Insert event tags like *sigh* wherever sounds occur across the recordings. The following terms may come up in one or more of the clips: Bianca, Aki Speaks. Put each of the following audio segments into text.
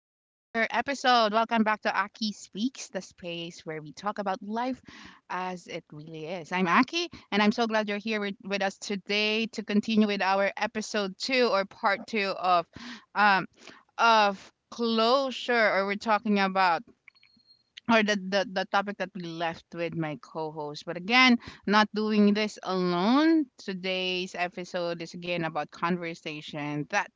Speaks, the space where we talk about life as it really is. I'm Aki, and I'm so glad you're here with us today to continue with our episode two or part two of um closure, or we're talking about or the topic that we left with my co-host. But again, not doing this alone. Today's episode is again about conversation that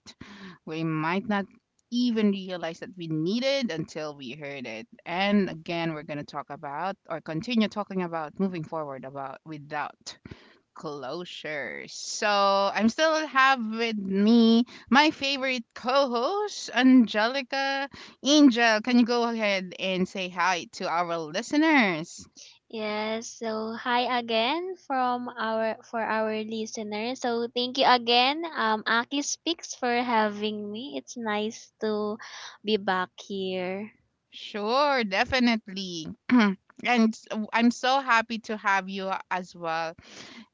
we might not even realize that we needed until we heard it. And again, we're going to talk about or continue talking about moving forward about without closure. So I'm still have with me my favorite co-host, Angelica. Angel, can you go ahead and say hi to our listeners? Yes, so hi again from our for our listeners. So thank you again, Aki Speaks for having me. It's nice to be back here. Sure, definitely. *clears throat* And s- I'm so happy to have you as well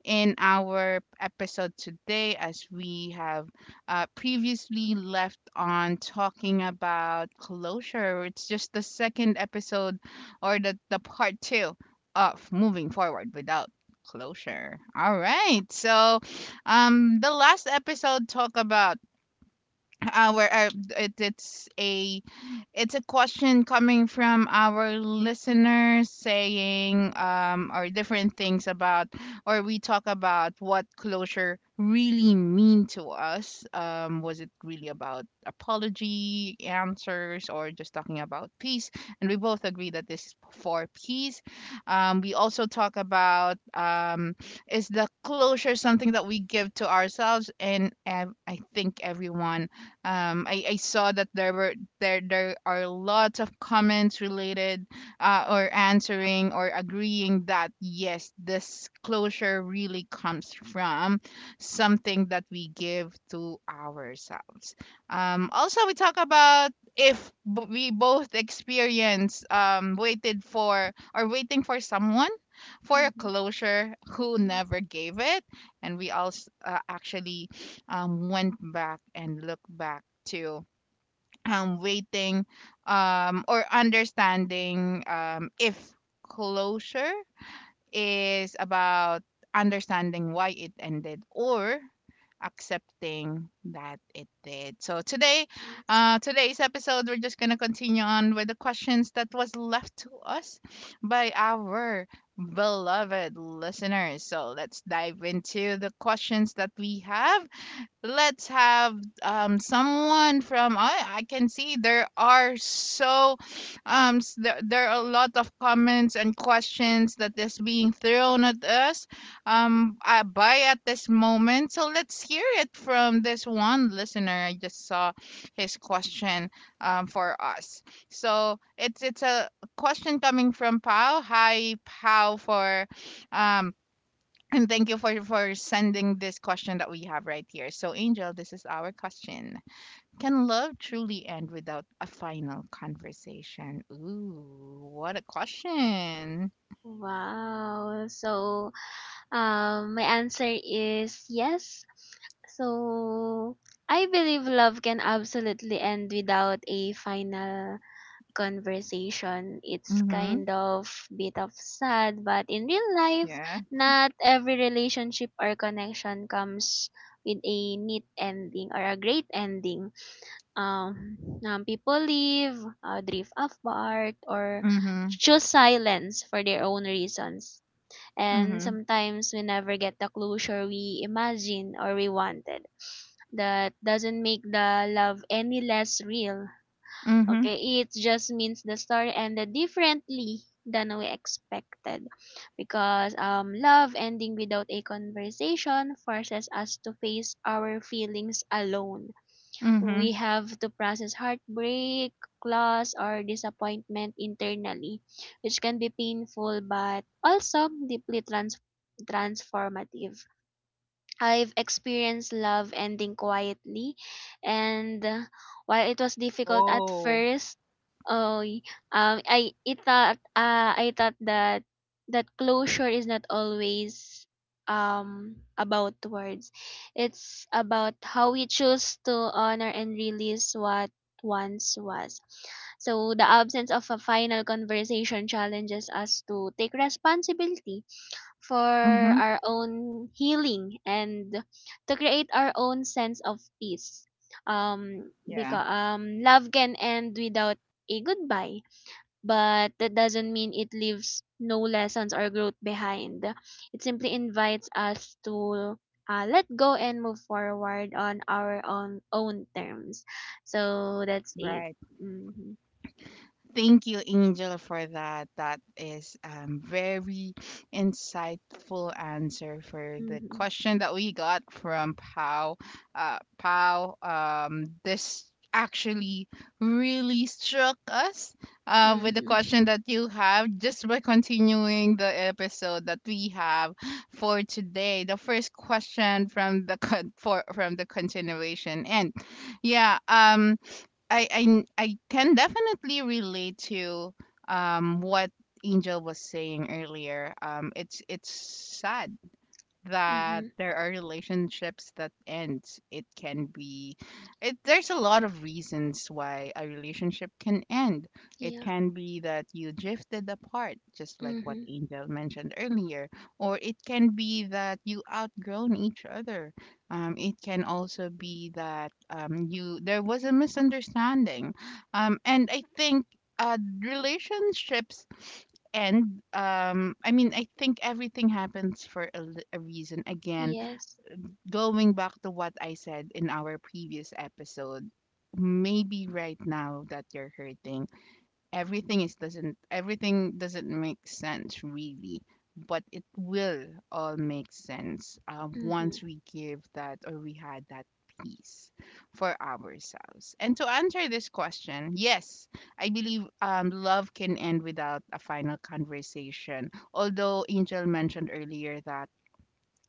in our episode today, as we have previously left on talking about closure. It's just the second episode or the part two of Moving Forward Without Closure. All right. So, the last episode talked about our, it, it's a question coming from our listeners saying, or different things about, or we talk about what closure really mean to us. Was it really about apology answers or just talking about peace? And we both agree that this is for peace. We also talk about is the closure something that we give to ourselves? And I think everyone I saw that there were there are lots of comments related or answering or agreeing that yes, this closure really comes from something that we give to ourselves. Also we talk about if we both experience waited for or waiting for someone for a Mhm. closure who never gave it. And we also actually went back and looked back to waiting, or understanding if closure is about understanding why it ended or accepting that it did. So today, Yes. Today's episode, we're just gonna continue on with the questions that was left to us by our beloved listeners. So let's dive into the questions that we have. Let's have someone from, I can see there are so there are a lot of comments and questions that is being thrown at us by at this moment. So let's hear it from this one listener. I just saw his question for us. So it's a question coming from Pau. Hi Pau, for um and thank you for sending this question that we have right here. So, Angel, this is our question. Can love truly end without a final conversation? Ooh, what a question. Wow. So my answer is yes. So I believe love can absolutely end without a final conversation. It's Mm-hmm. kind of bit of sad, but in real life, Yeah. not every relationship or connection comes with a neat ending or a great ending. Um, people leave, drift apart, or Mm-hmm. choose silence for their own reasons. And Mm-hmm. sometimes we never get the closure we imagined or we wanted. That doesn't make the love any less real. Mm-hmm. Okay, it just means the story ended differently than we expected because love ending without a conversation forces us to face our feelings alone. Mm-hmm. We have to process heartbreak, loss, or disappointment internally, which can be painful but also deeply transformative. I've experienced love ending quietly, and while it was difficult at Oh. first, oh, y- I thought that closure is not always about words. It's about how we choose to honor and release what once was. So the absence of a final conversation challenges us to take responsibility for Mm-hmm. our own healing and to create our own sense of peace. Yeah. Because love can end without a goodbye, but that doesn't mean it leaves no lessons or growth behind. It simply invites us to let go and move forward on our own terms. So that's it. Right. Mm-hmm. Thank you, Angel, for that. That is very insightful answer for the Mm-hmm. question that we got from Pow. Pow, this actually really struck us with the Mm-hmm. question that you have, just by continuing the episode that we have for today. The first question from for from the continuation, and yeah, I can definitely relate to what Angel was saying earlier. It's sad that Mm-hmm. there are relationships that end. It can be, there's a lot of reasons why a relationship can end. It Yeah. can be that you drifted apart, just like what Mm-hmm. Angel mentioned earlier, or it can be that you outgrown each other. It can also be that, you, there was a misunderstanding, and I think, relationships, and I mean, I think everything happens for a reason. Again, Yes. going back to what I said in our previous episode, maybe right now that you're hurting, everything is, doesn't, everything doesn't make sense really, but it will all make sense once Mm-hmm. we give that or we had that peace for ourselves. And to answer this question, yes, I believe love can end without a final conversation, although Angel mentioned earlier that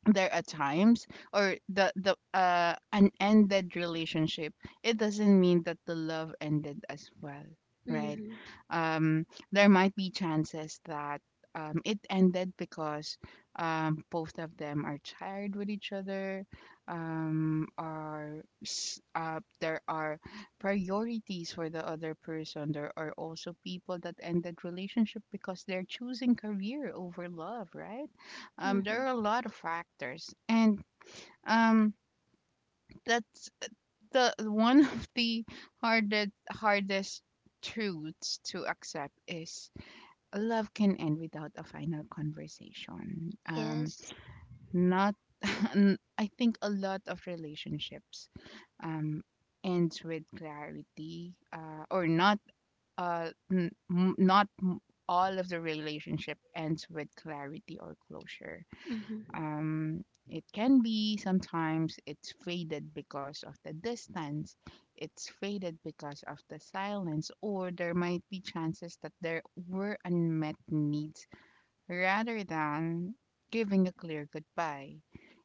there are times, or the an ended relationship, it doesn't mean that the love ended as well, right? Mm-hmm. um there might be chances that it ended because both of them are tired with each other. There are priorities for the other person. There are also people that ended relationship because they're choosing career over love, right? There Mhm. are a lot of factors, and um, that's the one *laughs* of the hardest truths to accept is love can end without a final conversation. Yes. Not, *laughs* I think a lot of relationships um ends with clarity, or not, uh n- m- not m- all of the relationship ends with clarity or closure. Mhm. Um, it can be, sometimes it's faded because of the distance, it's faded because of the silence, or there might be chances that there were unmet needs rather than giving a clear goodbye.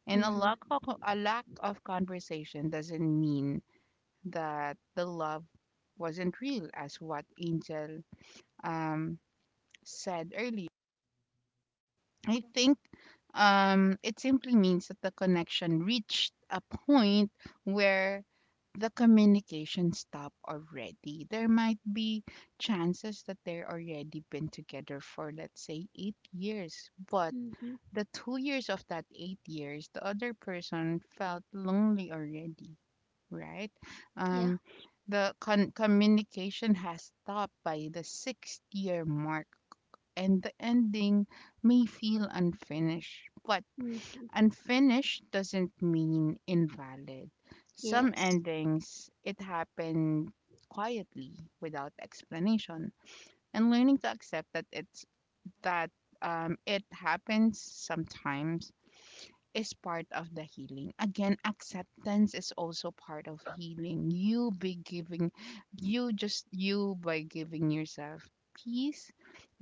And Mhm. A lack of conversation doesn't mean that the love wasn't real, as what Angel um, said earlier. I think it simply means that the connection reached a point where the communication stopped already. There might be chances that they're already been together for, let's say, 8 years, but Mhm. the 2 years of that 8 years, the other person felt lonely already, right? Yeah. Um, communication has stopped by the sixth year mark, and the ending may feel unfinished. But Mhm. unfinished doesn't mean invalid. Some Yes. endings, it happened quietly without explanation, and learning to accept that that it happens sometimes is part of the healing. Again, acceptance is also part of healing. You, by giving yourself peace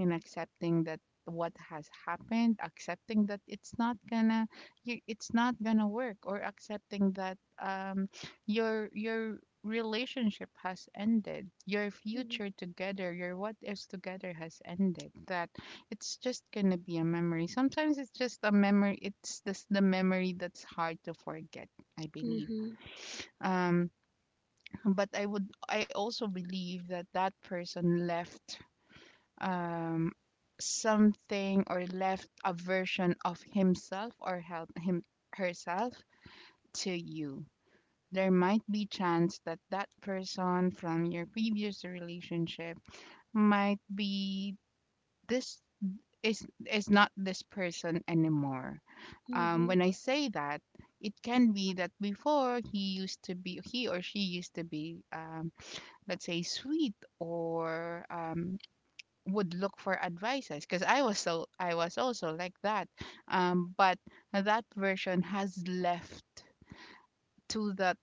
and accepting that what has happened, accepting that it's not gonna, it's not gonna work, or accepting that your relationship has ended, your Mhm. future together, your what ifs together has ended, that it's just gonna be a memory. Sometimes it's just a memory. It's this the memory that's hard to forget, I believe. Mhm. Um, but I would, I also believe that that person left um something, or left a version of himself or help him herself to you. There might be chance that that person from your previous relationship might be this is not this person anymore. Mhm. When I say that, it can be that before he used to be, he or she used to be, let's say, sweet, or would look for advices. Because I was also like that. But that version has left to that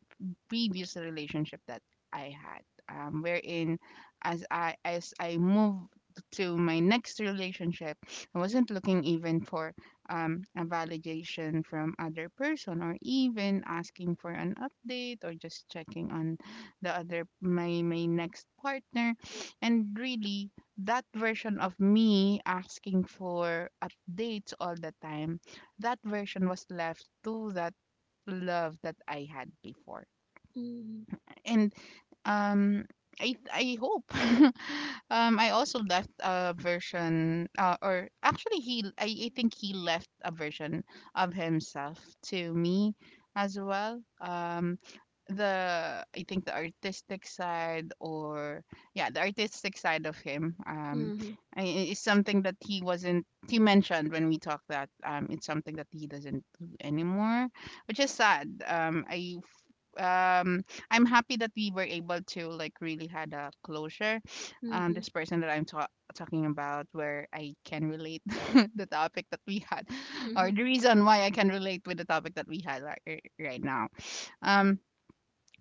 previous relationship that I had, wherein as I moved to my next relationship, I wasn't looking even for a validation from other person or even asking for an update or just checking on the other my next partner, and really, that version of me asking for updates all the time, that version was left to that love that I had before. Mhm. And um I hope *laughs* I also left a version, or actually he I think he left a version of himself to me as well. The I think the artistic side or yeah, the artistic side of him, Mhm. Is something that, he wasn't he mentioned when we talked, that it's something that he doesn't do anymore, which is sad. Um I'm happy that we were able to like really had a closure this person that talking about, where I can relate *laughs* the topic that we had, or the Mhm. reason why I can relate with the topic that we had, like, right now. um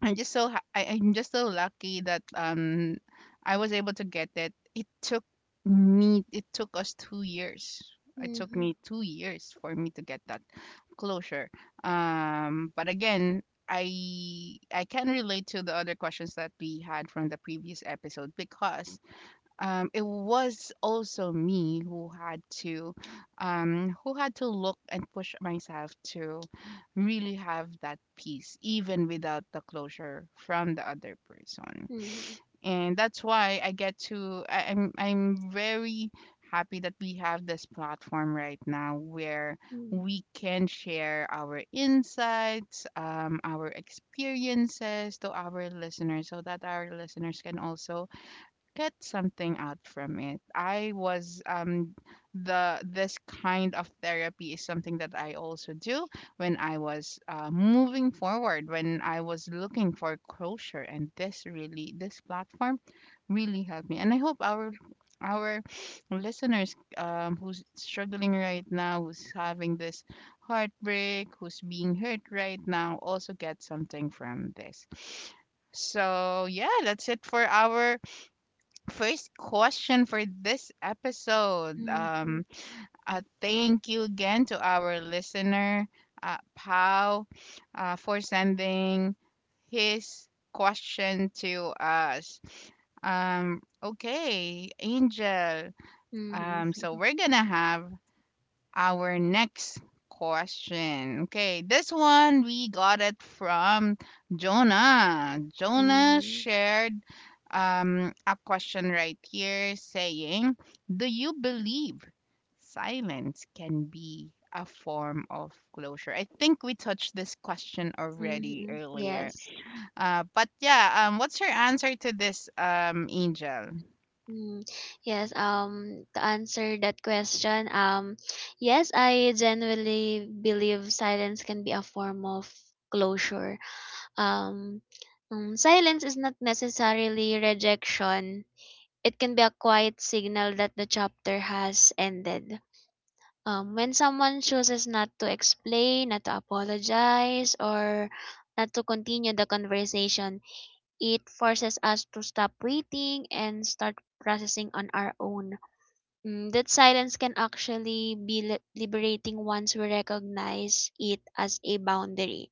I'm just so lucky that I was able to get it. It took me it took us 2 years. It took Mhm. me 2 years for me to get that closure. But again, I can relate to the other questions that we had from the previous episode because it was also me who had to, who had to look and push myself to really have that peace even without the closure from the other person. Mhm. And that's why I get to I, I'm very happy that we have this platform right now where Mhm. we can share our insights, our experiences to our listeners, so that our listeners can also get something out from it. I was the this kind of therapy is something that I also do when I was moving forward, when I was looking for closure, and this platform really helped me. And I hope our *sniffs* listeners, who's struggling right now, who's having this heartbreak, who's being hurt right now, also get something from this. So yeah, that's it for our first question for this episode. Mhm. Thank you again to our listener, Pau, for sending his question to us. Okay, Angel. Mhm. So Mhm. we're gonna have our next question. Okay, this one we got it from Jonah. Jonah Mhm. shared a question right here saying, "Do you believe silence can be a form of closure?" I think we touched this question already Mhm. earlier. Yes. But yeah, what's your answer to this, Angel? Mm. Yes, to answer that question, yes, I genuinely believe silence can be a form of closure. Um, silence is not necessarily rejection. It can be a quiet signal that the chapter has ended. When someone chooses not to explain, not to apologize, or not to continue the conversation, it forces us to stop waiting and start processing on our own. Mm, that silence can actually be liberating once we recognize it as a boundary,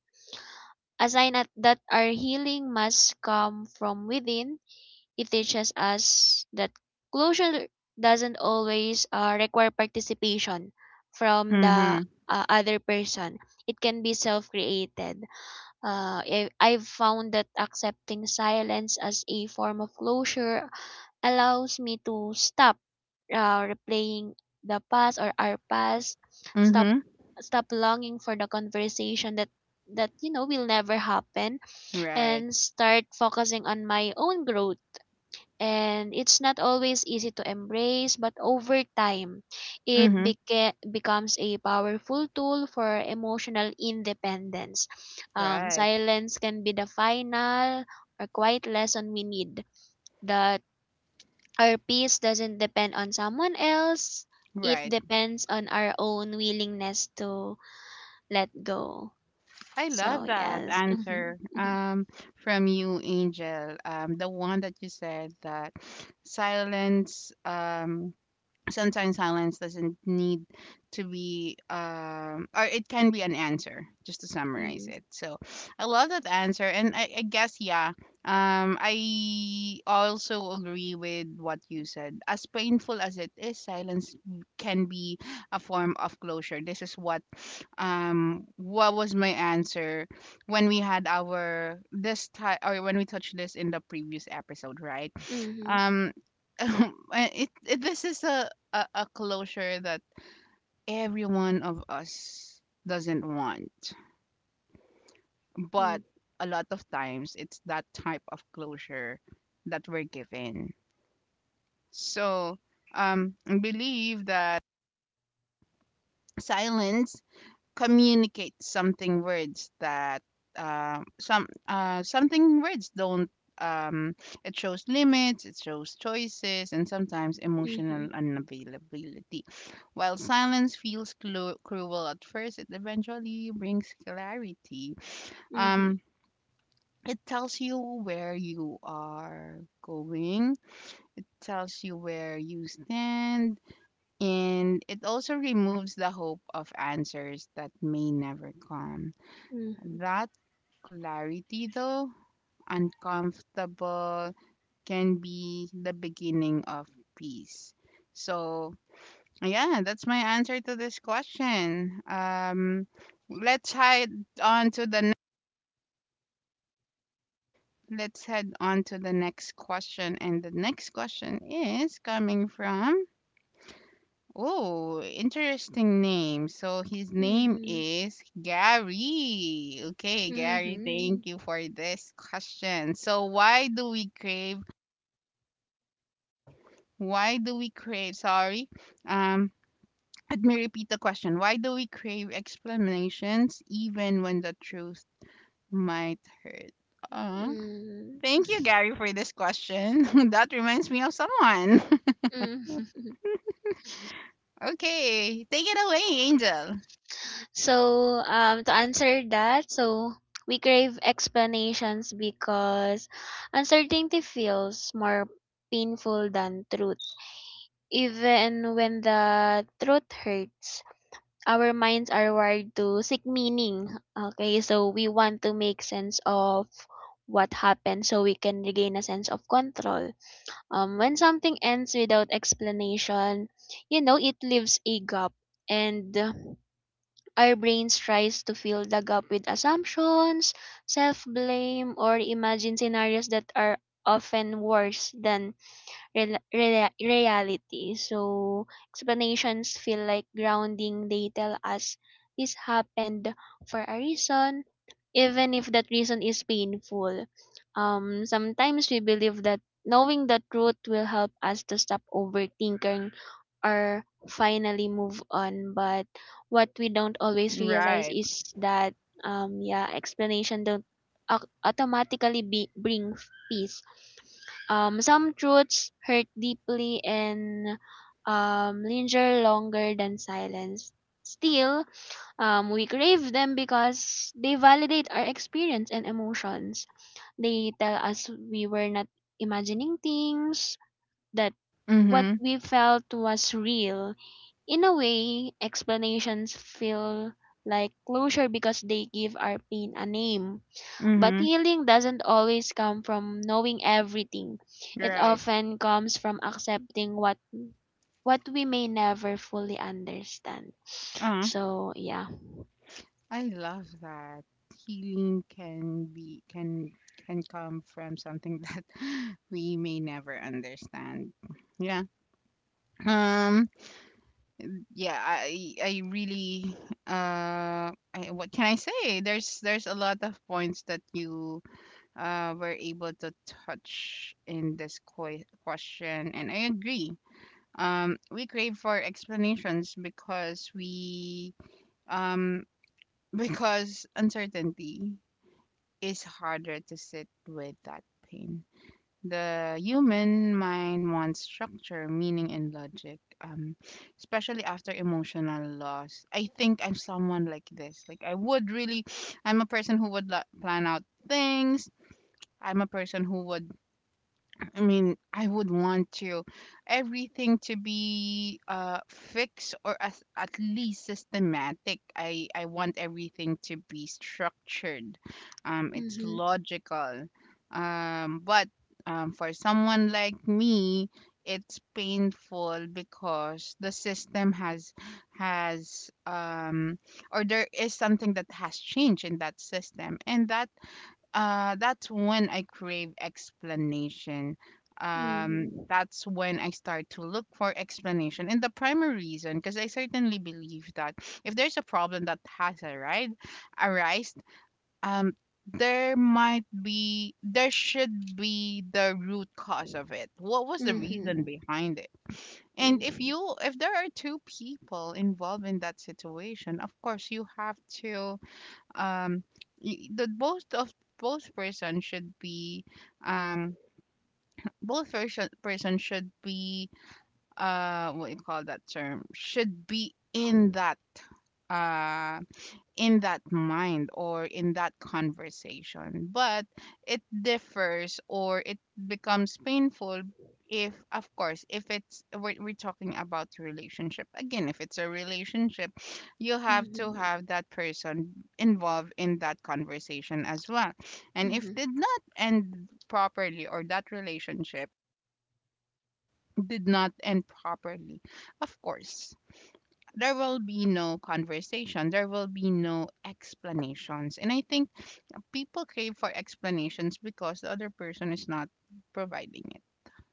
a sign that our healing must come from within. It teaches us that closure doesn't always require participation from the Mm-hmm. Other person. It can be self-created. I've found that accepting silence as a form of closure allows me to stop replaying the past or our past, stop Mm-hmm. stop longing for the conversation that you know will never happen, Right. and start focusing on my own growth. And it's not always easy to embrace, but over time, it Mm-hmm. Becomes a powerful tool for emotional independence. Right, Silence can be the final or quiet lesson we need, that our peace doesn't depend on someone else, it right. depends on our own willingness to let go. I love So, that yes. *laughs* answer, from you, Angel. The one that you said, that silence sometimes silence doesn't need to be, um, or it can be an answer, just to Mm-hmm. summarize it. So I love that answer, and I guess, yeah, um, I also agree with what you said. As painful as it is, silence can be a form of closure. This is what, um, what was my answer when we had our this time, or when we touched this in the previous episode, right? Mm-hmm. Um, *laughs* it, this is a a closure that every one of us doesn't want. Mm-hmm. But a lot of times it's that type of closure that we're given. So, I believe that silence communicate something words that, um, some, uh, something words don't, um, it shows limits, it shows choices, and sometimes Mm-hmm. emotional unavailability. While silence feels cruel at first, it eventually brings clarity. Mhm. Um, it tells you where you are going, tells you where you stand, and it also removes the hope of answers that may never come. Mhm. That clarity, though uncomfortable, can be the beginning of peace. So, yeah, that's my answer to this question. Let's head on to the ne- let's head on to the next question, and the next question is coming from— Oh, interesting name. So his name Mhm. is Gary. Okay, Gary, Mhm. thank you for this question. So why do we crave? Why do we crave? Sorry. Um, let me repeat the question. Why do we crave explanations even when the truth might hurt? Uh, Mm. thank you, Gary, for this question. *laughs* That reminds me of someone. Mm. *laughs* Okay, take it away, Angel. So, to answer that, so we crave explanations because uncertainty feels more painful than truth. Even when the truth hurts, our minds are wired to seek meaning. Okay, so we want to make sense of what happened so we can regain a sense of control. When something ends without explanation, you know, it leaves a gap. And our brains tries to fill the gap with assumptions, self-blame, or imagine scenarios that are often worse than reality. So explanations feel like grounding. They tell us this happened for a reason, even if that reason is painful. Sometimes we believe that knowing the truth will help us to stop overthinking or finally move on. But what we don't always realize Right. is that yeah, explanation don't automatically bring peace. Some truths hurt deeply and linger longer than silence. Still, we crave them because they validate our experience and emotions. They tell us we were not imagining things, that what Mm-hmm. we felt was real. In a way, explanations feel like closure because they give our pain a name. But Mm-hmm. healing doesn't always come from knowing everything. It Right. often comes from accepting what we may never fully understand. Uh, So yeah. I love that. Healing can be, can come from something that *laughs* we may never understand. Yeah. Um, yeah, I really what can I say? There's a lot of points that you were able to touch in this question, and I agree. Um, we crave for explanations because we, um, because uncertainty is harder to sit with that pain. The human mind wants structure, meaning, and logic, especially after emotional loss. I think I'm someone like this. Like, I would really, I'm a person who would plan out things. I'm a person who would— I mean, I would want to everything to be, uh, fixed, or as, at least systematic. I want everything to be structured. It's Mhm. logical. But for someone like me, it's painful because the system has um, or there is something that has changed in that system, and that, that's when I crave explanation. Mhm. That's when I start to look for explanation. And the primary reason, because I certainly believe that if there's a problem that has arrived, arised, um, there might be, there should be the root cause of it. What was the reason Mhm. behind it? And if Mhm. you, if there are two people involved in that situation, of course you have to, um, the both of, both person should be, um, both person should be, uh, what do you call that term, should be in that, uh, in that mind or in that conversation, but it differs, or it becomes painful if, of course, if we're talking about relationship again, if it's a relationship, you have to Mhm. have that person involved in that conversation as well. And if Mhm. did not end properly, or that relationship did not end properly, of course there will be no conversation, there will be no explanations, and I think people crave for explanations because the other person is not providing it.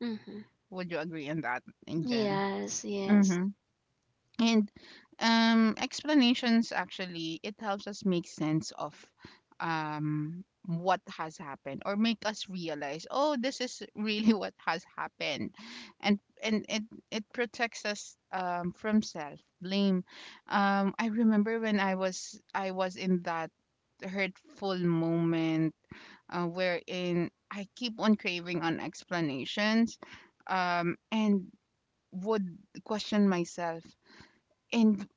Mhm. Would you agree on that in general? Yes. Yes. And um, explanations, actually, it helps us make sense of, um, what has happened, or make us realize, oh, this is really *laughs* what has happened. And it, it protects us, um, from self blame. Um, I remember when I was in that hurtful moment, wherein I keep on craving on explanations, um, and would question myself, and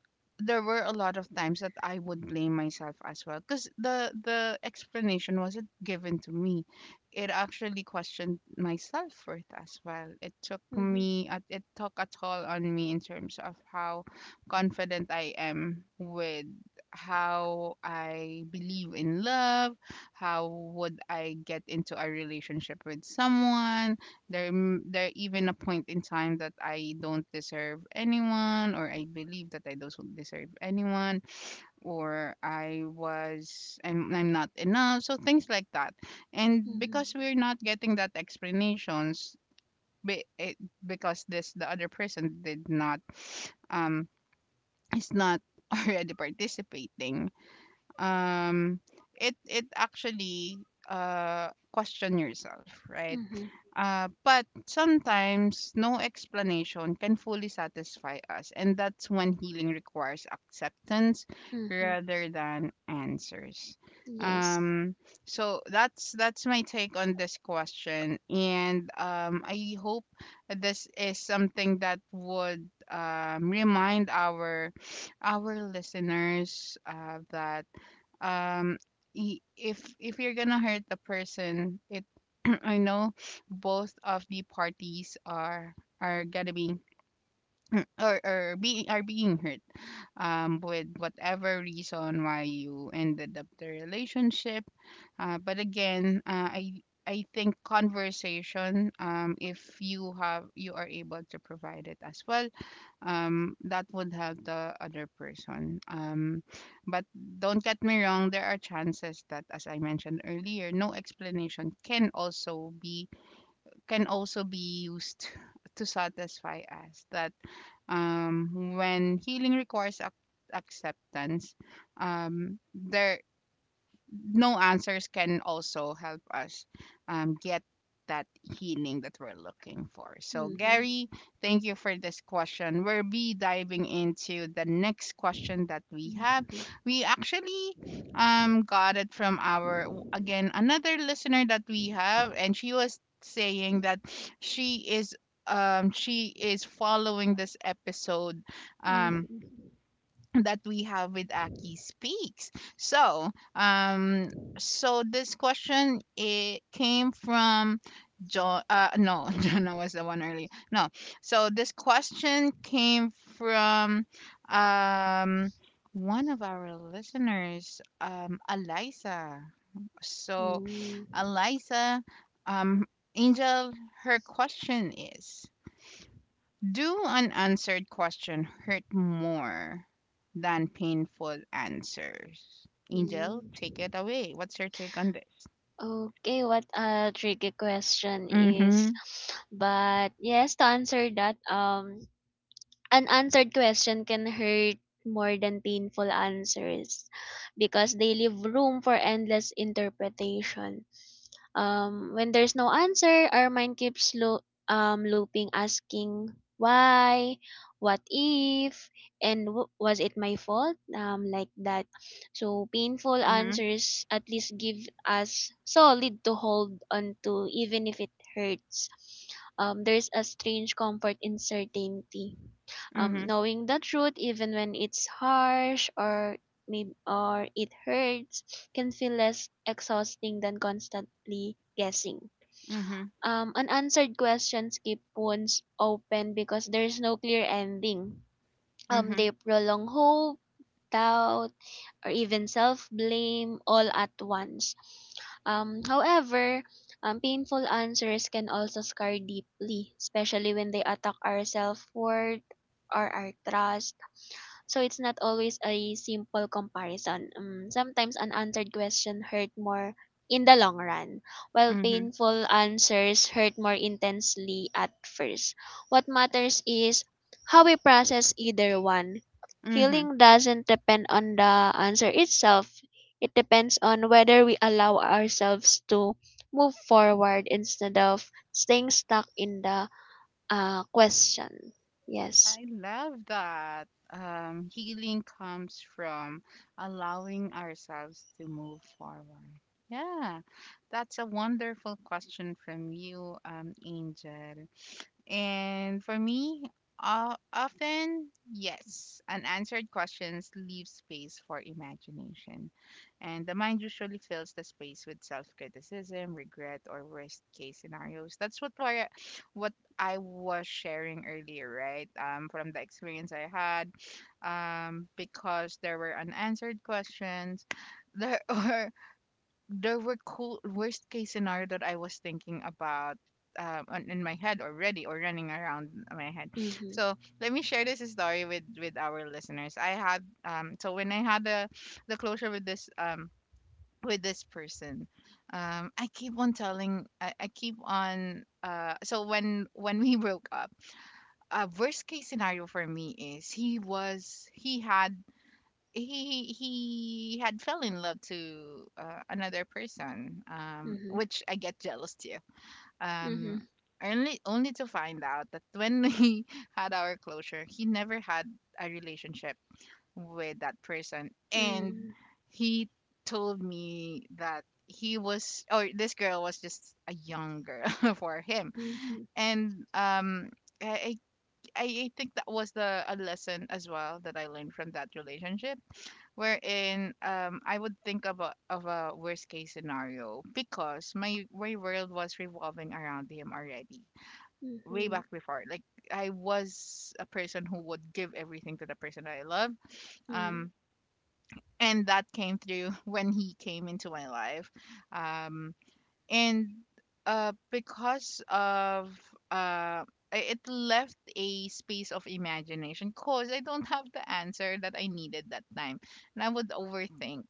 there were a lot of times that I would blame myself as well, because the explanation wasn't given to me. It actually questioned my self worth as well. It took Mhm. me, it took a toll on me in terms of how confident I am with how I believe in love, how would I get into a relationship with someone, there, there even a point in time that I don't deserve anyone, or I believe that I don't deserve anyone, or I was, I'm not enough. So things like that, and Mhm. because we're not getting that explanations, be- it, because this the other person did not, um, is not *laughs* already participating. Um, it it actually, uh, question yourself, right? Mhm. But sometimes no explanation can fully satisfy us, and that's when healing requires acceptance Mhm. rather than answers. Yes. Um, so that's my take on this question, and I hope this is something that would, remind our listeners, that um, if you're gonna hurt the person, it, I know both of the parties are gonna be, or are being, are being hurt, um, with whatever reason why you ended up the relationship. Uh, but again, I think conversation, um, if you have, you are able to provide it as well, um, that would help the other person, um, but don't get me wrong, there are chances that as I mentioned earlier, no explanation can also be, can also be used *laughs* to satisfy us, that when healing requires acceptance, there, no answers can also help us, get that healing that we're looking for. So, Mhm. Gary, thank you for this question. We'll be diving into the next question that we have. Mhm. We actually, got it from our, again, another listener that we have, and she was saying that she is. She is following this episode, Mhm. um, that we have with Aki Speaks. So, so this question it came from John. No, *laughs* Jonah was the one earlier. No, so this question came from, um, one of our listeners, Eliza. So, Mm, Eliza, um, Angel, her question is: Do an answered question hurt more than painful answers? mm. Angel, take it away. What's your take on this? Okay, what a tricky question Mm-hmm. is. But yes, to answer that, an answered question can hurt more than painful answers because they leave room for endless interpretation. When there's no answer, our mind keeps looping, asking why, what if, and was it my fault? Like that. So painful Mm-hmm. answers at least give us solid to hold on to, even if it hurts. There's a strange comfort in certainty, Mm-hmm. knowing the truth even when it's harsh or maybe or it hurts can feel less exhausting than constantly guessing. Mm-hmm. Unanswered questions keep wounds open because there is no clear ending. Mm-hmm. They prolong hope, doubt, or even self blame all at once. However, painful answers can also scar deeply, especially when they attack our self worth or our trust, so it's not always a simple comparison. Sometimes an unanswered question hurt more in the long run, while Mm-hmm. painful answers hurt more intensely at first. What matters is how we process either one. Mm-hmm. Healing doesn't depend on the answer itself. It depends on whether we allow ourselves to move forward instead of staying stuck in the question. Yes. I love that. Healing comes from allowing ourselves to move forward. Yeah, that's a wonderful question from you, Angel. And for me, often, yes, unanswered questions leave space for imagination. And the mind usually fills the space with self criticism, regret, or worst case scenarios. That's what, what I was sharing earlier, right? From the experience I had, because there were unanswered questions there, *laughs* or there were cool worst case scenario that I was thinking about, in my head already, or running around my head. Mm-hmm. So let me share this story with our listeners. I had, um, so when I had the closure with this, um, with this person, um, I keep on, uh, so when we broke up, a worst case scenario for me is he was, he had fell in love to, another person, um, Mm-hmm. which I get jealous to, Mm-hmm. um, only only to find out that when *laughs* we had our closure, he never had a relationship with that person. And Mm, he told me that he was or this girl was just a young girl *laughs* for him, mhm, and um, I, I think that was the a lesson as well that I learned from that relationship, wherein um, I would think of a worst case scenario, because my world was revolving around him already way mhm, back before. Like, I was a person who would give everything to the person that I love, mm, um, and that came through *laughs* when he came into my life, um, and uh, because of, uh, it left a space of imagination, because I don't have the answer that I needed that time, and I would overthink,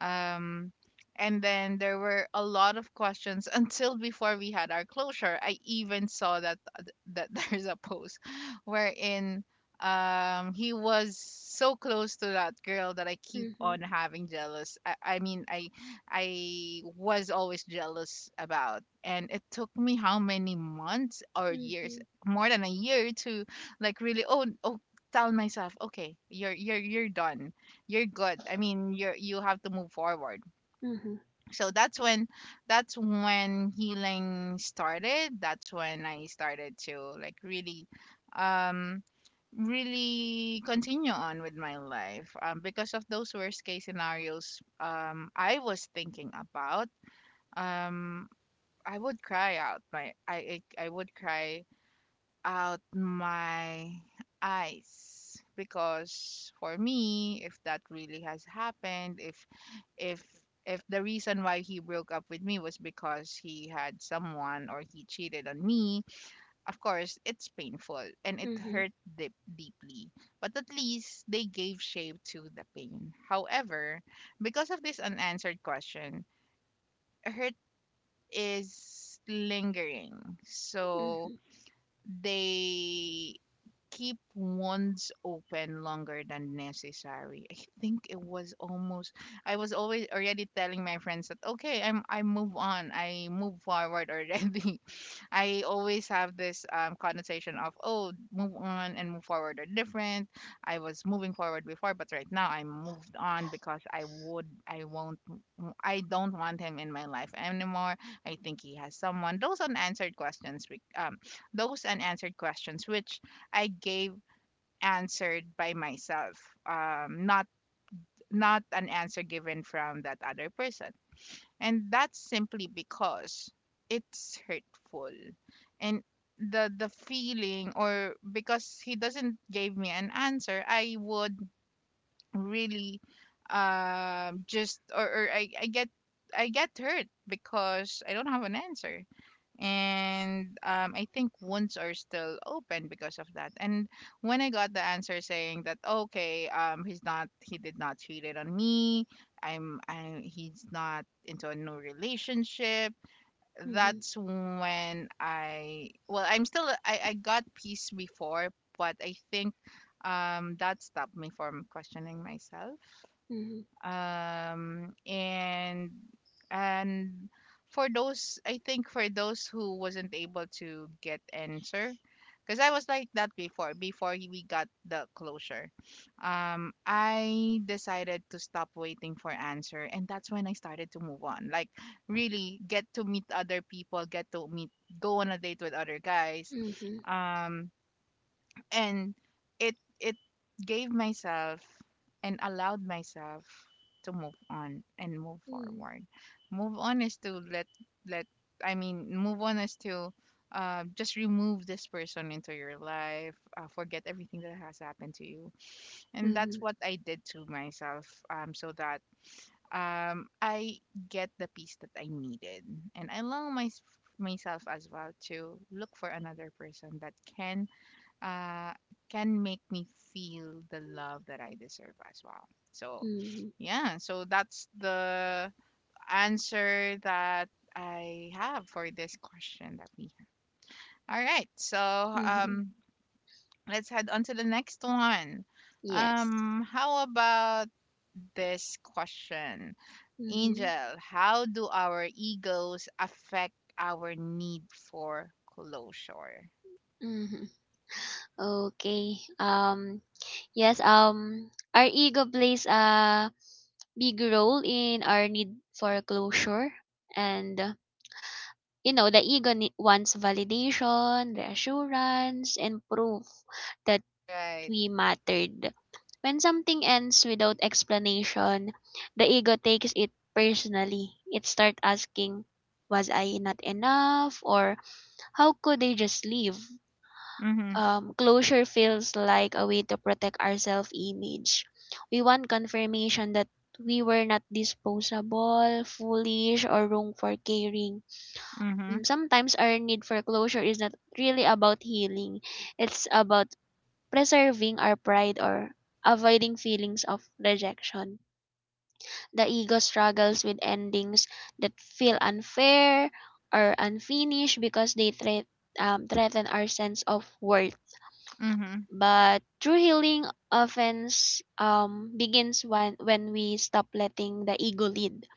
um, and then there were a lot of questions, *laughs* until before we had our closure. I even saw that, that *laughs* there's a post wherein um, he was so close to that girl that I keep mhm, on having jealous. I mean, I was always jealous about. And it took me how many months or years, mhm, more than a year to like really tell myself, okay, you're done, you're good. I mean you're you have to move forward. mhm, So that's when, that's when healing started. That's when I started to like really um really continue on with my life. Because of those worst case scenarios, I was thinking about, um, I would cry out my I would cry out my eyes, because for me, if that really has happened, if if the reason why he broke up with me was because he had someone or he cheated on me, of course it's painful and it mhm, hurt deep, deeply, but at least they gave shape to the pain. However, because of this unanswered question, hurt is lingering, so mhm, they keep ones open longer than necessary. I think it was almost, I was always already telling my friends that okay, I move on. I move forward already. *laughs* I always have this connotation of, oh, move on and move forward are different. I was moving forward before, but right now I moved on because I would I won't I don't want him in my life anymore. I think he has someone. Those unanswered questions, those unanswered questions which I gave answered by myself, not not an answer given from that other person, and that's simply because it's hurtful, and the feeling, or because he doesn't give me an answer, I would really just, or I get, I get hurt because I don't have an answer. And I think wounds are still open because of that. And when I got the answer saying that okay, he's not, he did not cheat it on me. He's not into a new relationship. mhm, That's when I, well, I'm still, I got peace before, but I think that stopped me from questioning myself. mhm, Um and and for those, I think for those who wasn't able to get answer, because I was like that before, before we got the closure, I decided to stop waiting for answer, and that's when I started to move on, like really get to meet other people, get to meet, go on a date with other guys. mhm, Um and it gave myself and allowed myself to move on and move Hmm. forward. Move on is to let let I mean move on is to just remove this person into your life, forget everything that has happened to you. And that's Mhm, what I did to myself. So that, I get the peace that I needed, and I allow my, myself as well, to look for another person that can, uh, can make me feel the love that I deserve as well. So, mhm, yeah, so that's the answer that I have for this question that we have. All right, so mhm. Let's head on to the next one. Yes. How about this question, Mm-hmm. Angel? How do our egos affect our need for closure? Mm-hmm. Okay. Yes, our ego plays a big role in our need for closure, and you know the wants validation, reassurance and proof that Right. we mattered. When something ends without explanation, the ego takes it personally. It starts asking, was I not enough? Or how could they just leave? Mm-hmm. Closure feels like a way to protect our self image. We want confirmation that we were not disposable, foolish, or wrong for caring. Mm-hmm. Mm, sometimes our need for closure is not really about healing, it's about preserving our pride or avoiding feelings of rejection. The ego struggles with endings that feel unfair or unfinished because they threaten our sense of worth. Mm-hmm. But true healing often begins when we stop letting the ego lead.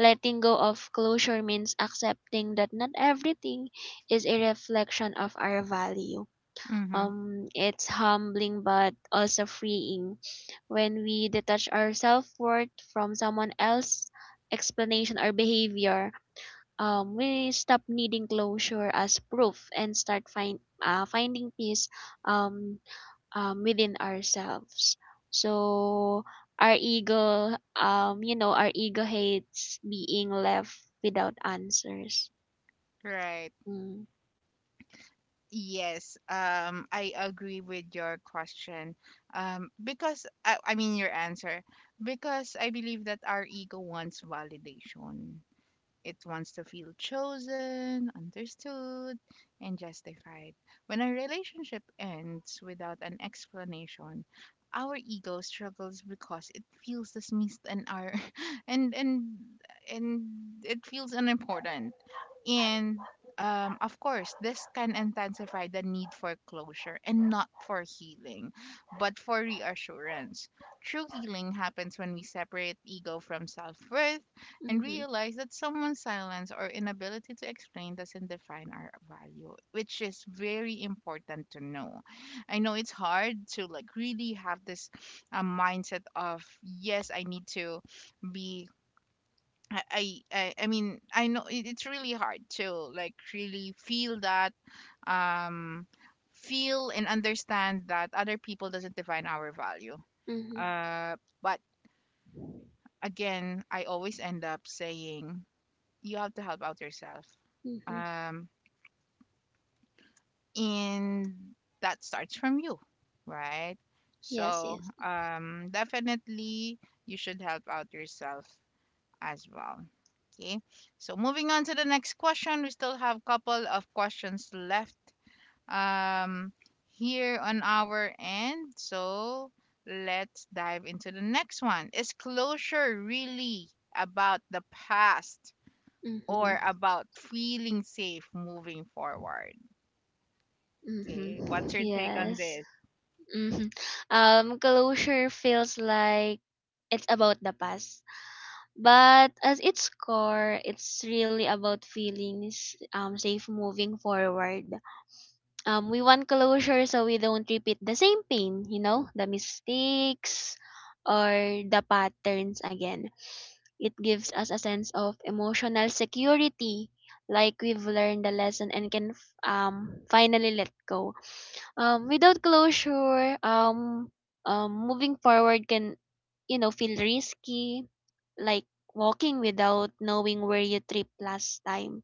Letting go of closure means accepting that not everything is a reflection of our value. Mm-hmm. Um, it's humbling but also freeing when we detach our self worth from someone else's explanation or behavior. We stop needing closure as proof and start finding peace um, within ourselves. So our ego, you know, our ego hates being left without answers. Right. Mm. Yes. I agree with your question. I mean your answer, because I believe that our ego wants validation. It wants to feel chosen, understood, and justified. When a relationship ends without an explanation, our ego struggles because it feels dismissed, and our *laughs* and and and it feels unimportant. And of course, this can intensify the need for closure, and not for healing, but for reassurance. True healing happens when we separate ego from self worth and Mm-hmm. realize that someone's silence or inability to explain doesn't define our value, which is very important to know. I know it's hard to like really have this mindset of, yes, I need to be. I mean I know it, it's really hard to like really feel that, um feel and understand that other people doesn't define our value. Mm-hmm. Uh, but again, I always end up saying you have to help out yourself. Mm-hmm. Um, and that starts from you, right? Yes. So, Yes. Definitely you should help out yourself as well. Okay. So, moving on to the next question, we still have couple of questions left um, here on our end. So, let's dive into the next one. Is closure really about the past, Mm-hmm. or about feeling safe moving forward. Okay, Mm-hmm. what's your take on Yes. this? Mm-hmm. Closure feels like it's about the past, but as its core, it's really about feelings safe moving forward. We want closure so we don't repeat the same pain. You know, the mistakes or the patterns again. It gives us a sense of emotional security, like we've learned the lesson and can finally let go. Without closure, moving forward can, you know, feel risky, like walking without knowing where you tripped last time.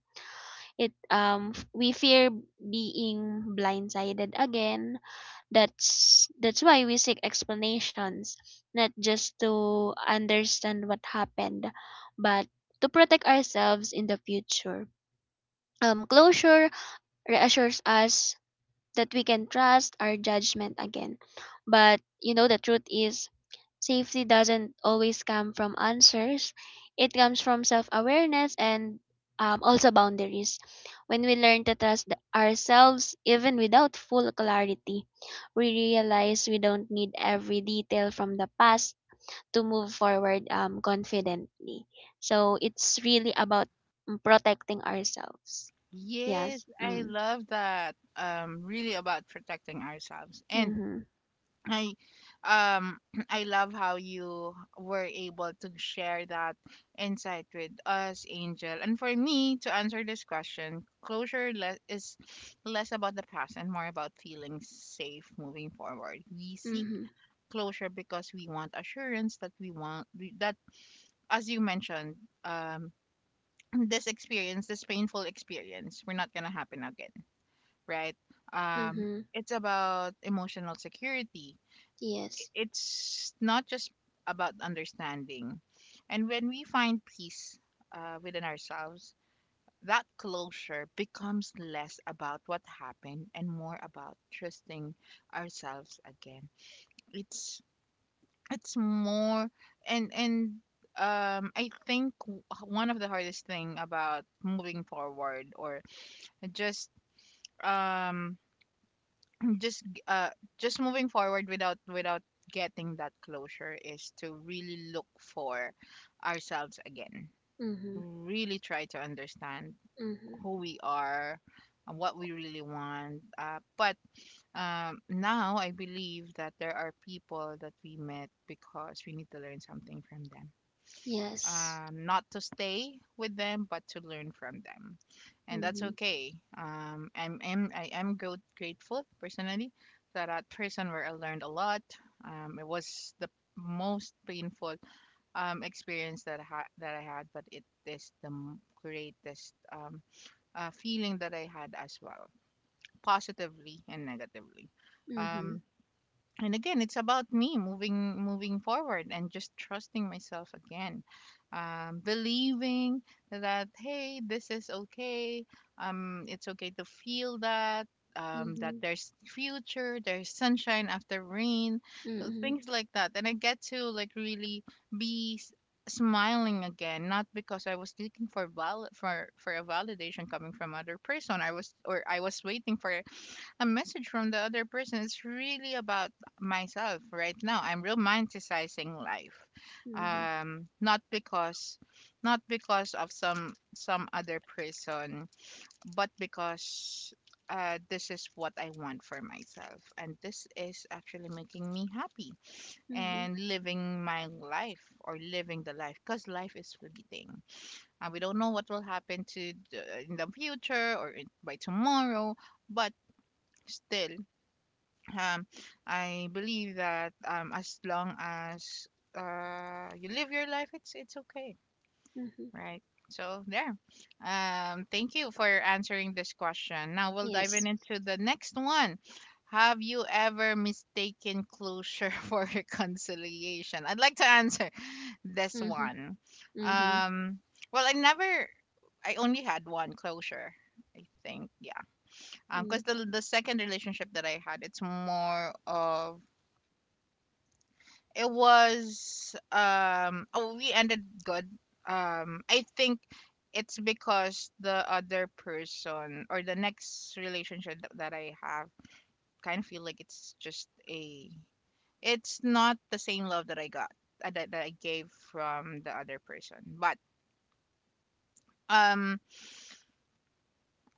It we fear being blindsided again. That's why we seek explanations, not just to understand what happened, but to protect ourselves in the future. Um, closure reassures us that we can trust our judgment again. But you know, the truth is, safety doesn't always come from answers, it comes from self awareness and, also boundaries. When we learn to trust ourselves, even without full clarity, we realize we don't need every detail from the past to move forward, confidently. So it's really about, mm, protecting ourselves. Yes, Yes. I Mm. love that. Really about protecting ourselves. And Mm-hmm. I, um, *clears throat* I love how you were able to share that insight with us, Angel. And for me to answer this question, closure is less about the past and more about feeling safe moving forward. We seek Mm-hmm. closure because we want assurance that that as you mentioned, um, *clears throat* this experience, this painful experience, we're not gonna happen again, right? Um, Mm-hmm. it's about emotional security. Yes. It's not just about understanding, and when we find peace within ourselves, that closure becomes less about what happened, and more about trusting ourselves again. It's It's more and I think one of the hardest thing about moving forward, or just um just g- uh just moving forward without without getting that closure, is to really look for ourselves again. Mhm. Really try to understand Mhm. who we are and what we really want. But now I believe that there are people that we met because we need to learn something from them, Yes. Not to stay with them but to learn from them, and that's Mhm. okay. I am grateful personally that that person where I learned a lot, it was the most painful experience that that I had, but it is the greatest feeling that I had as well, positively and negatively. um, Mhm. and again, it's about me moving forward and just trusting myself again, believing that, hey, this is okay. It's okay to feel that, that Mhm. there's future, there's sunshine after rain. So Mhm. things like that, and I get to like really be smiling again, not because I was looking for for a validation coming from other person, I was, or I was waiting for a message from the other person. Is really about myself right now. I'm romanticizing life, Mhm. Not because, not because of some other person, but because this is what I want for myself, and this is actually making me happy, Mhm. and living my life, or living the life, because life is fleeting. We don't know what will happen to the, in the future, or in, by tomorrow, but still, um, I believe that as long as you live your life, it's okay, Mhm. right? So there. Thank you for answering this question. Now we'll dive in Yes. into the next one. Have you ever mistaken closure *laughs* for reconciliation? I'd like to answer this Mhm. one. Mhm. Um, well, I never. I only had one closure. I think, yeah. Mhm. Because the second relationship that I had, it's more of, it was, oh, we ended good. I think it's because the other person, or the next relationship that I have, kind of feel like it's just a, it's not the same love that I got, that I got gave from the other person, but um.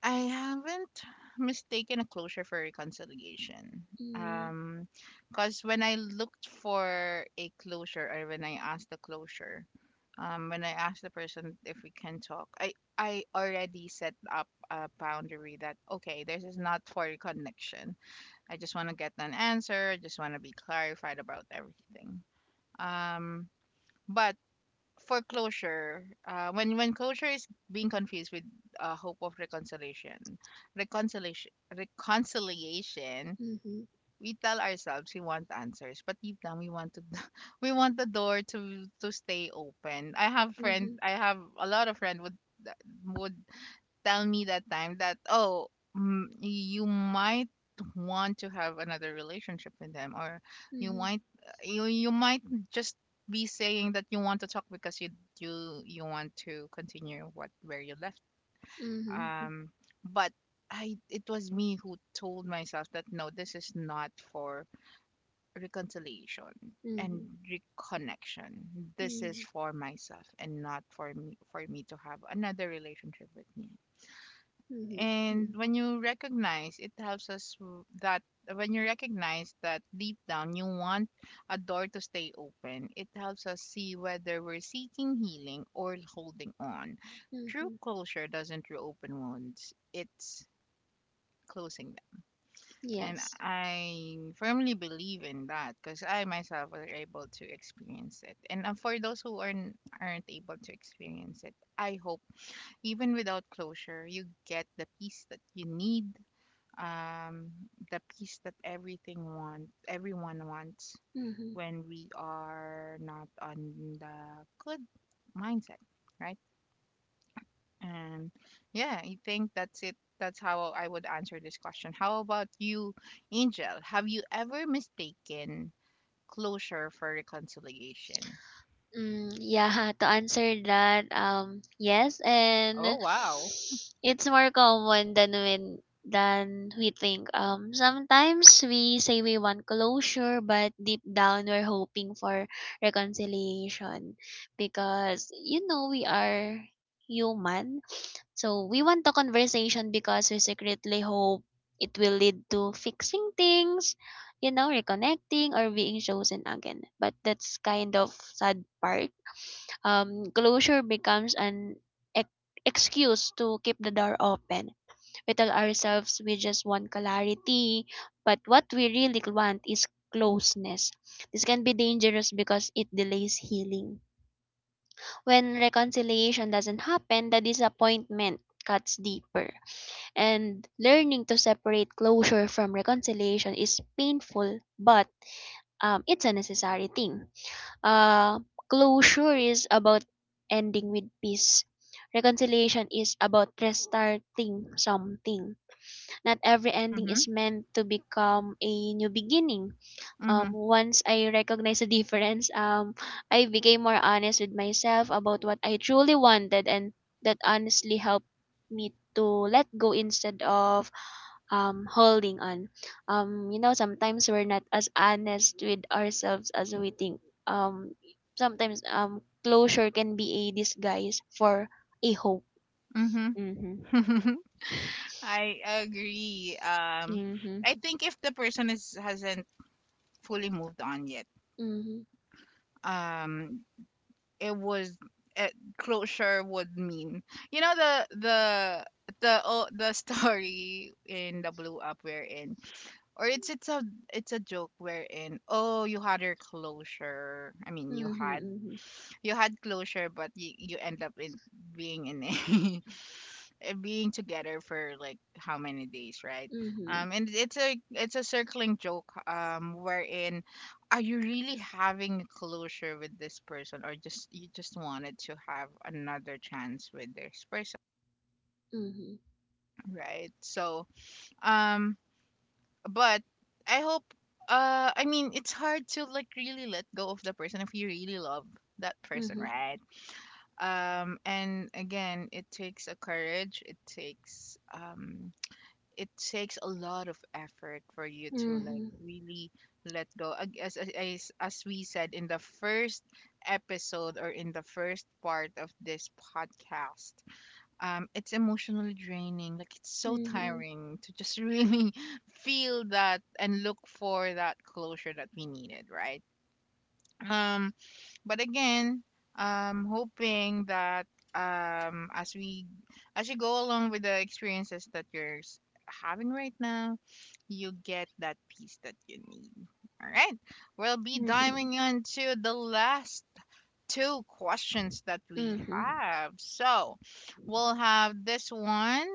I haven't mistaken a closure for reconciliation. Um, because when I looked for a closure, or when I asked the closure, when I asked the person if we can talk, I already set up a boundary that, okay, this is not for reconnection. I just want to get an answer. I just want to be clarified about everything. Um, but for closure, when closure is being confused with hope of reconciliation, reconciliation, reconciliation, Mhm. we tell ourselves we want answers, but deep down we want to, *laughs* we want the door to stay open. Mhm. I have a lot of friend would would tell me that time that, oh, mm, you might want to have another relationship with them, or you Mhm. might, you might just be saying that you want to talk because you want to continue what where you left. Mhm. Um but i it was me who told myself that, no, this is not for reconciliation Mhm. and Mhm. reconnection. This is Mhm. for myself, and not for me, for me to have another relationship with me. Mhm. And Mhm. when you recognize, it helps us that when you recognize that deep down you want a door to stay open, it helps us see whether we're seeking healing or holding on. True Mhm. closure doesn't reopen wounds, it's closing them. And Yes. I firmly believe in that because I myself were able to experience it. And For those who aren't able to experience it, I hope even without closure, you get the peace that you need um, the peace that everyone wants Mhm. when we are not on the good mindset, right? And yeah, I think that's it. That's how I would answer this question. How about you, Angel? Have you ever mistaken closure for reconciliation? Mm, yeah, *laughs* to answer that, yes, Oh, and wow. it's more common than when than we think. Sometimes we say we want closure, but deep down we're hoping for reconciliation because you know we are human, so we want the conversation because we secretly hope it will lead to fixing things, you know, reconnecting or being chosen again. But that's kind of sad part. Closure becomes an ex- excuse to keep the door open. We tell ourselves we just want clarity, but what we really want is closeness. This can be dangerous because it delays healing. When reconciliation doesn't happen, the disappointment cuts deeper. And learning to separate closure from reconciliation is painful, but, it's a necessary thing. Uh, closure is about ending with peace. Reconciliation is about restarting something. Not every ending Mm-hmm. is meant to become a new beginning. Um, once I recognized the difference, I became more honest with myself about what I truly wanted, and that honestly helped me to let go instead of, holding on. You know, sometimes we're not as honest with ourselves as we think. Um, sometimes, closure can be a disguise for a hope. Mm-hmm. Mm-hmm. Mm-hmm. *laughs* I agree. I Mm-hmm. think if the person is hasn't fully moved on yet, Mm-hmm. um it was uh closure would mean, you know, the *laughs* the story in the blue up we're in, or it's a joke wherein, oh, you had your closure, I mean, Mm-hmm. you had closure, but you end up in being in a *laughs* being together for like how many days, right? Mm-hmm. And it's a circling joke. Wherein are you really having a closure with this person, or just you just wanted to have another chance with this person, Mm-hmm. right? So, um, but I hope. I mean, it's hard to like really let go of the person if you really love that person, Mm-hmm. right? And again, it takes a courage. It takes a lot of effort for you to like Mm-hmm. really let go. As we said in the first episode or in the first part of this podcast, um, it's emotionally draining, like it's so Mm-hmm. tiring to just really *laughs* feel that and look for that closure that we needed, right? Um, but again, um, hoping that um as we as you go along with the experiences that having right now, you get that peace that you need. All right, we'll be Hmm. diving into the last two questions that we Hmm. have, so we'll have this one.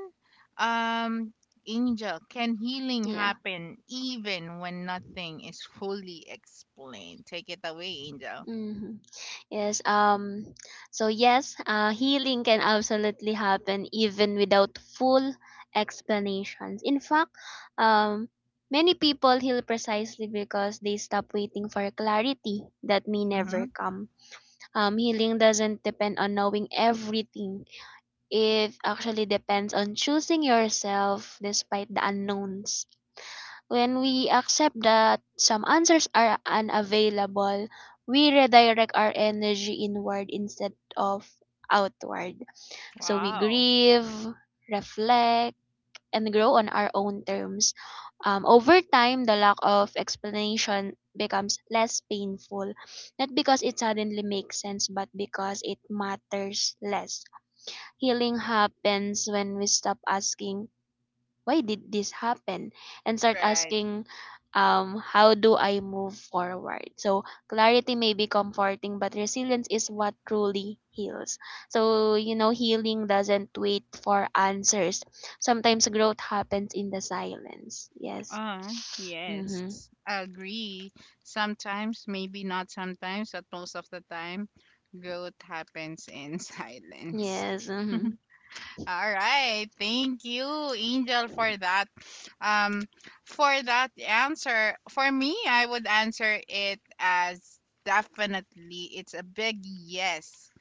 Um, Angel, can healing Yeah. happen even when nothing is fully explained? Take it away, Angel. Hmm. Yes. So yes. Healing can absolutely happen even without full explanations. In fact, um, many people heal precisely because they stop waiting for clarity that may Mm-hmm. never come. Healing doesn't depend on knowing everything. It actually depends on choosing yourself despite the unknowns. When we accept that some answers are unavailable, we redirect our energy inward instead of outward. So we Wow. grieve, reflect, and grow on our own terms. Over time, the lack of explanation becomes less painful, not because it suddenly makes sense, but because it matters less. Healing happens when we stop asking why did this happen and start Right. asking, um, how do I move forward? So clarity may be comforting, but resilience is what truly heals. So you know healing doesn't wait for answers. Sometimes growth happens in the silence. Yes. Uh, Mm-hmm. yes. Agree. Sometimes, maybe not sometimes, but most of the time, growth happens in *laughs* silence. Yes. *laughs* All Mm-hmm. right. Thank you, Angel, for that. Um, for that answer, for me, I would answer it as definitely. It's a big yes. *laughs*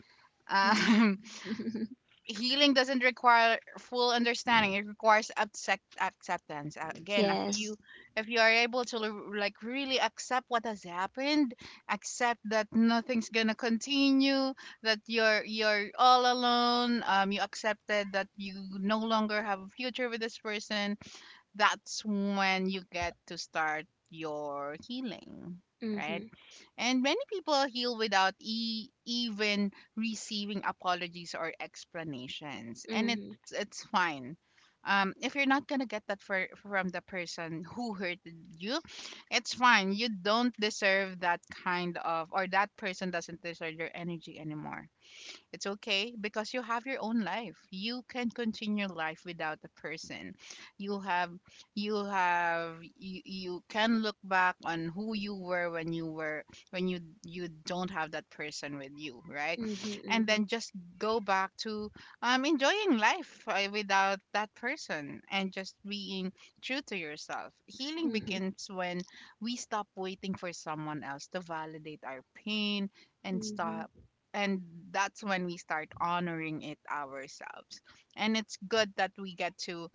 Um, Mm-hmm. *laughs* healing doesn't require full understanding, it requires acceptance. Again, if Yes. you, if you are able to like really accept what has happened, accept that nothing's gonna continue, that you're all alone, um, you accepted that you no longer have a future with this person. That's when you get to start your healing, right? Mm-hmm. And many people heal without even receiving apologies or explanations. And Mm-hmm. it's fine. If you're not gonna get that from the person who hurted you, it's fine. You don't deserve that kind of, or that person doesn't deserve your energy anymore. It's okay because you have your own life. You can continue life without a person. You have you can look back on who you were when you were when you don't have that person with you, right? And Mm-hmm. then just go back to um, enjoying life, without that person, and just being true to yourself. Healing Mm-hmm. Mm-hmm. begins when we stop waiting for someone else to validate our pain, and stop Mm-hmm. and that's when we start honoring it ourselves, and it's good that we get to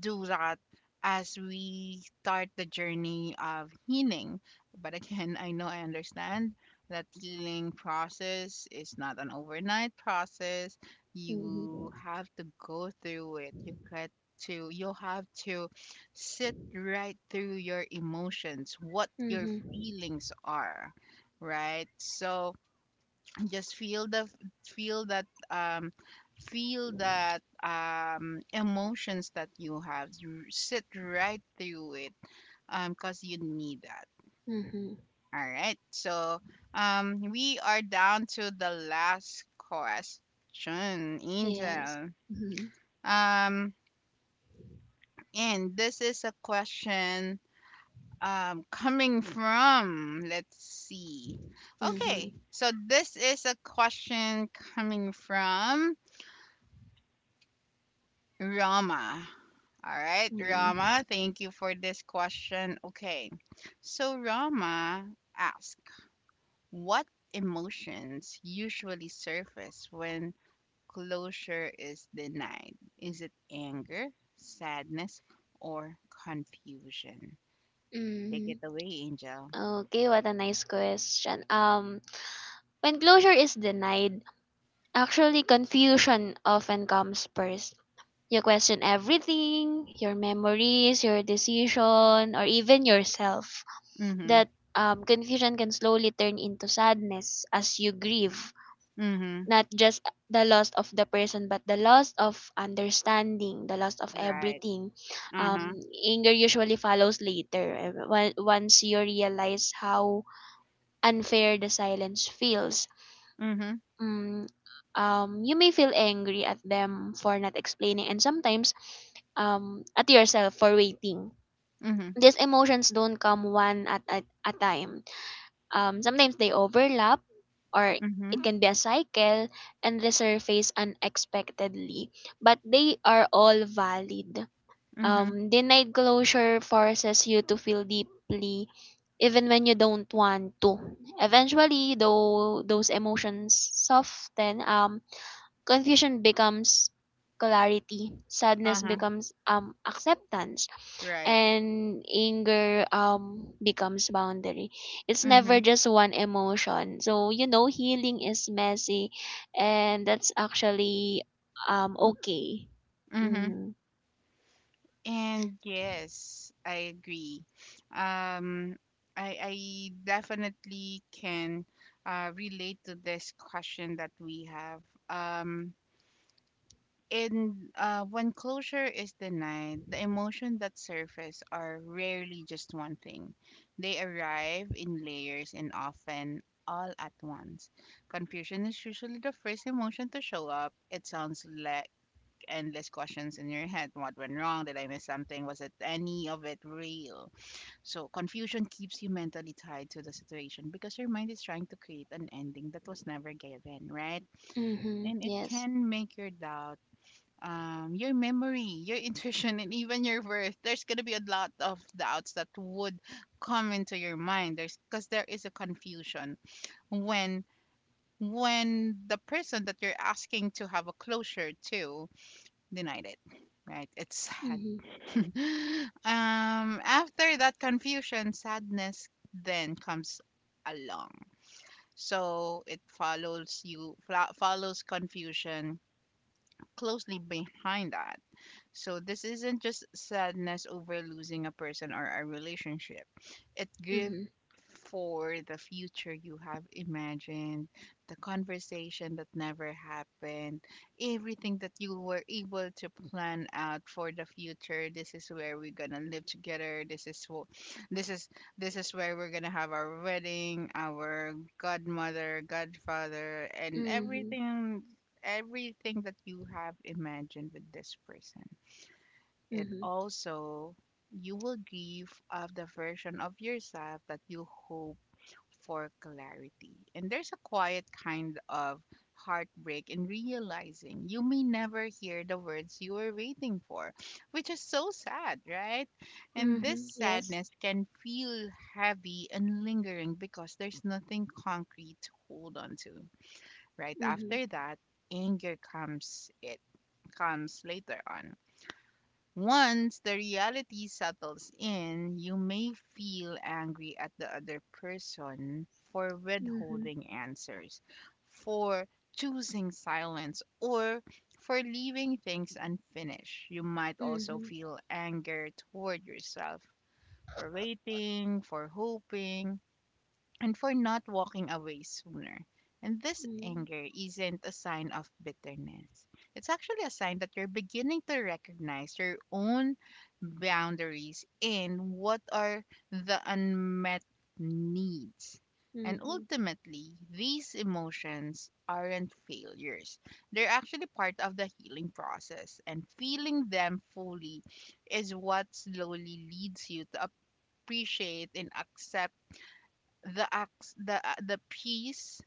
do that as we start the journey of healing. But again, *laughs* I know I understand that healing process is not an overnight process. You Mm-hmm. have to go through it. You have to sit right through your emotions, what your Mm-hmm. feelings are, right? So just feel that, um, feel that um, emotions that you have. You sit right through it, um, because you need that. Mm-hmm. All right, so, um, we are down to the last question, Yes. Angel. Mhm. Um, and this is a question um, coming from, let's see, okay, Mhm. so this is a question coming from Rama. All right, Mm. Rama, thank you for this question. Okay, so Rama asked, what emotions usually surface when closure is denied? Is it anger, sadness, or confusion? Take it Mm. away, Angel. Okay, what a nice question. When closure is denied, actually confusion often comes first. You question everything, your memories, your decision, or even yourself. Mm hmm. That, confusion can slowly turn into sadness as you grieve Mm hmm. not just the loss of the person but the loss of understanding, the loss of Right. everything. Uh huh. Um, anger usually follows later, once you realize how unfair the silence feels. Mm hmm. Mm, um, you may feel angry at them for not explaining, and sometimes at yourself for waiting. Mm hmm. These emotions don't come one at a time. Um, sometimes they overlap, or Mm hmm. it can be a cycle and resurface unexpectedly, but they are all valid. Mm hmm. Denied closure forces you to feel deeply even when you don't want to. Eventually, though, those emotions soften. Um, confusion becomes clarity, sadness Uh huh. becomes, um, acceptance, Right. and anger, um, becomes boundary. It's Mm hmm. never just one emotion. So you know healing is messy and that's actually, um, okay. Mm hmm. Mhm. And yes, I agree. Um, I definitely can relate to this question that we have. Um, in when closure is denied, the emotion that surface are rarely just one thing. They arrive in layers and often all at once. Confusion is usually the first emotion to show up. It sounds le endless questions in your head. What went wrong? Did I miss something? Was it any of it real? So confusion keeps you mentally tied to the situation because your mind is trying to create an ending that was never given, right? Mhm. And it Yes. can make your doubt your memory, your *laughs* intuition, and even your worth. There's gonna be a lot of doubts that would come into your mind. There's because there is a confusion when when the person that you're asking to have a closure to denied it. Right? It's sad. Mhm. *laughs* Um, after that confusion, sadness then comes along. So it follows you, follows confusion closely behind that. So this isn't just sadness over losing a person or a relationship. It grief Mhm. for the future you have imagined, the conversation that never happened, everything that you were able to plan out for the future. This is where we're gonna live together. This is what this is this is where we're gonna have our wedding, our godmother, godfather, and Mhm. everything, everything that you have imagined with this person. It Mhm. also, you will give of the version of yourself that you hope for clarity. And there's a quiet kind of heartbreak in realizing you may never hear the words you were waiting for, which is so sad, right? And this Mhm. Yes. sadness can feel heavy and lingering because there's nothing concrete to hold on to. Right Mhm. after that, anger comes, it comes later on. Once the reality settles in, you may feel angry at the other person for Mhm. withholding answers, for choosing silence, or for leaving things unfinished. You might also Mhm. feel anger toward yourself for waiting, for hoping, and for not walking away sooner. And this anger isn't a sign of bitterness. It's actually a sign that you're beginning to recognize your own boundaries and what are the unmet needs. And Mhm. ultimately, these emotions aren't failures. They're actually part of the healing process, and feeling them fully is what slowly leads you to appreciate and accept the acts the peace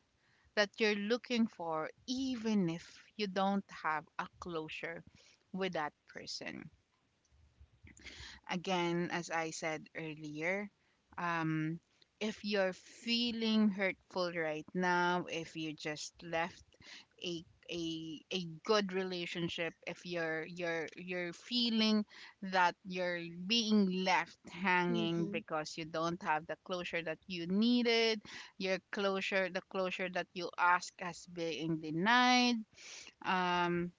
that you're looking for, even if you don't have a closure with that person. Again, as I said earlier, um, if you're feeling hurtful right now, if you just left a a good relationship, if you're feeling that you're being left hanging Mhm. because you don't have the closure that you needed, your closure the closure that you ask has being denied, um,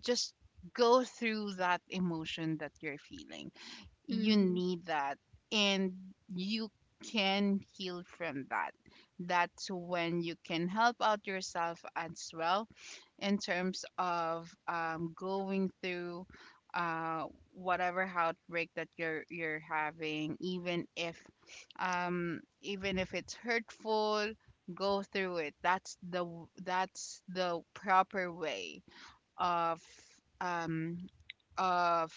just go through that emotion that you're feeling. Mhm. You Mhm. need that, and you can heal from that. That's when you can help out yourself as well in terms of going through uh, whatever outbreak that you're having, even if it's hurtful, go through it. That's the, that's the proper way of, um, of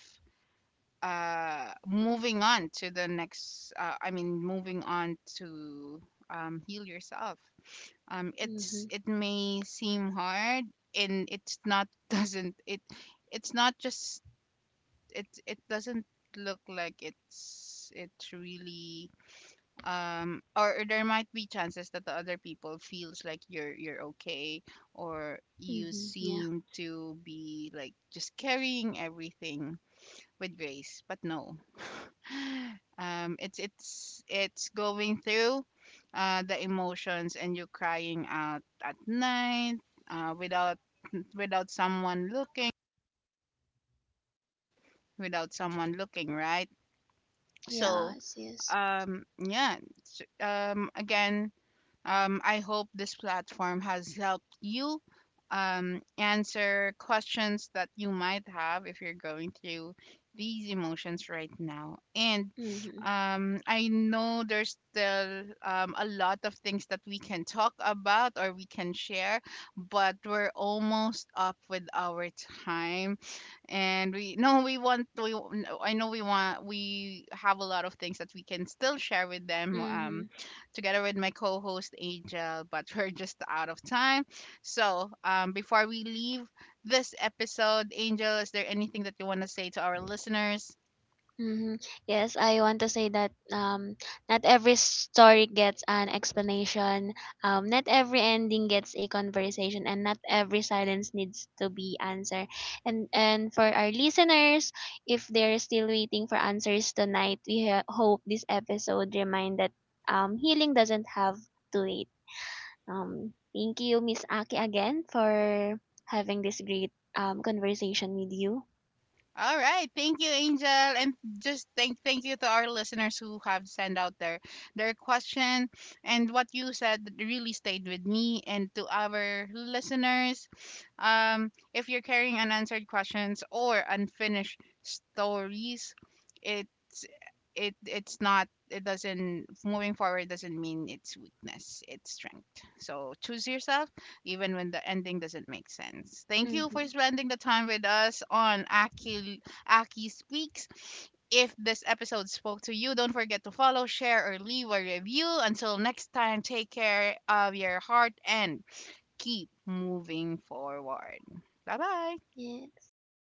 moving on to the next I mean, moving on to um, heal yourself. Um, it's, Mhm. it may seem hard, and it's not *laughs* doesn't it, it's not just it doesn't look like it's really um, or there might be chances that the other people feels like you're okay, or you Mm-hmm. Yeah. seem to be like just carrying everything with grace, but no. *laughs* Um, it's it's going through the emotions and you crying out at night, without, without someone looking, without someone looking, right? So Yes. Yes. Yeah, again. I hope this platform has helped you answer questions that you might have if you're going through these emotions right now. And Mm-hmm. I know there's still a lot of things that we can talk about or we can share, but we're almost up with our time. And we no we want we no, I know we want we have a lot of things that we can still share with them, Mm-hmm. um, together with my co-host Angel, but *laughs* we're just out of time. So um, before we leave this episode, Angel, is there anything that you want to say to our listeners? Mm-hmm. Yes, I want to say that, not every story gets an explanation. Not every ending gets a conversation, and not every silence needs to be answered. And for our listeners, if they're still waiting for answers tonight, we hope this episode remind that, healing doesn't have to wait. Thank you, Miss Aki, again for having this great, conversation with you. All right. Thank you, Angel. And just thank you to our listeners who have sent out their question. And what you said really stayed with me and to our listeners. If you're carrying unanswered questions or unfinished stories, it's it it's not it doesn't moving forward doesn't mean it's weakness. It's strength. So choose yourself even when the ending doesn't make sense. Thank you for Mm-hmm. spending the time with us on Aki, Aki Speaks. If this episode spoke to you, don't forget to follow, share, or leave a review. Until next time, take care of your heart and keep moving forward. Bye bye. Yeah.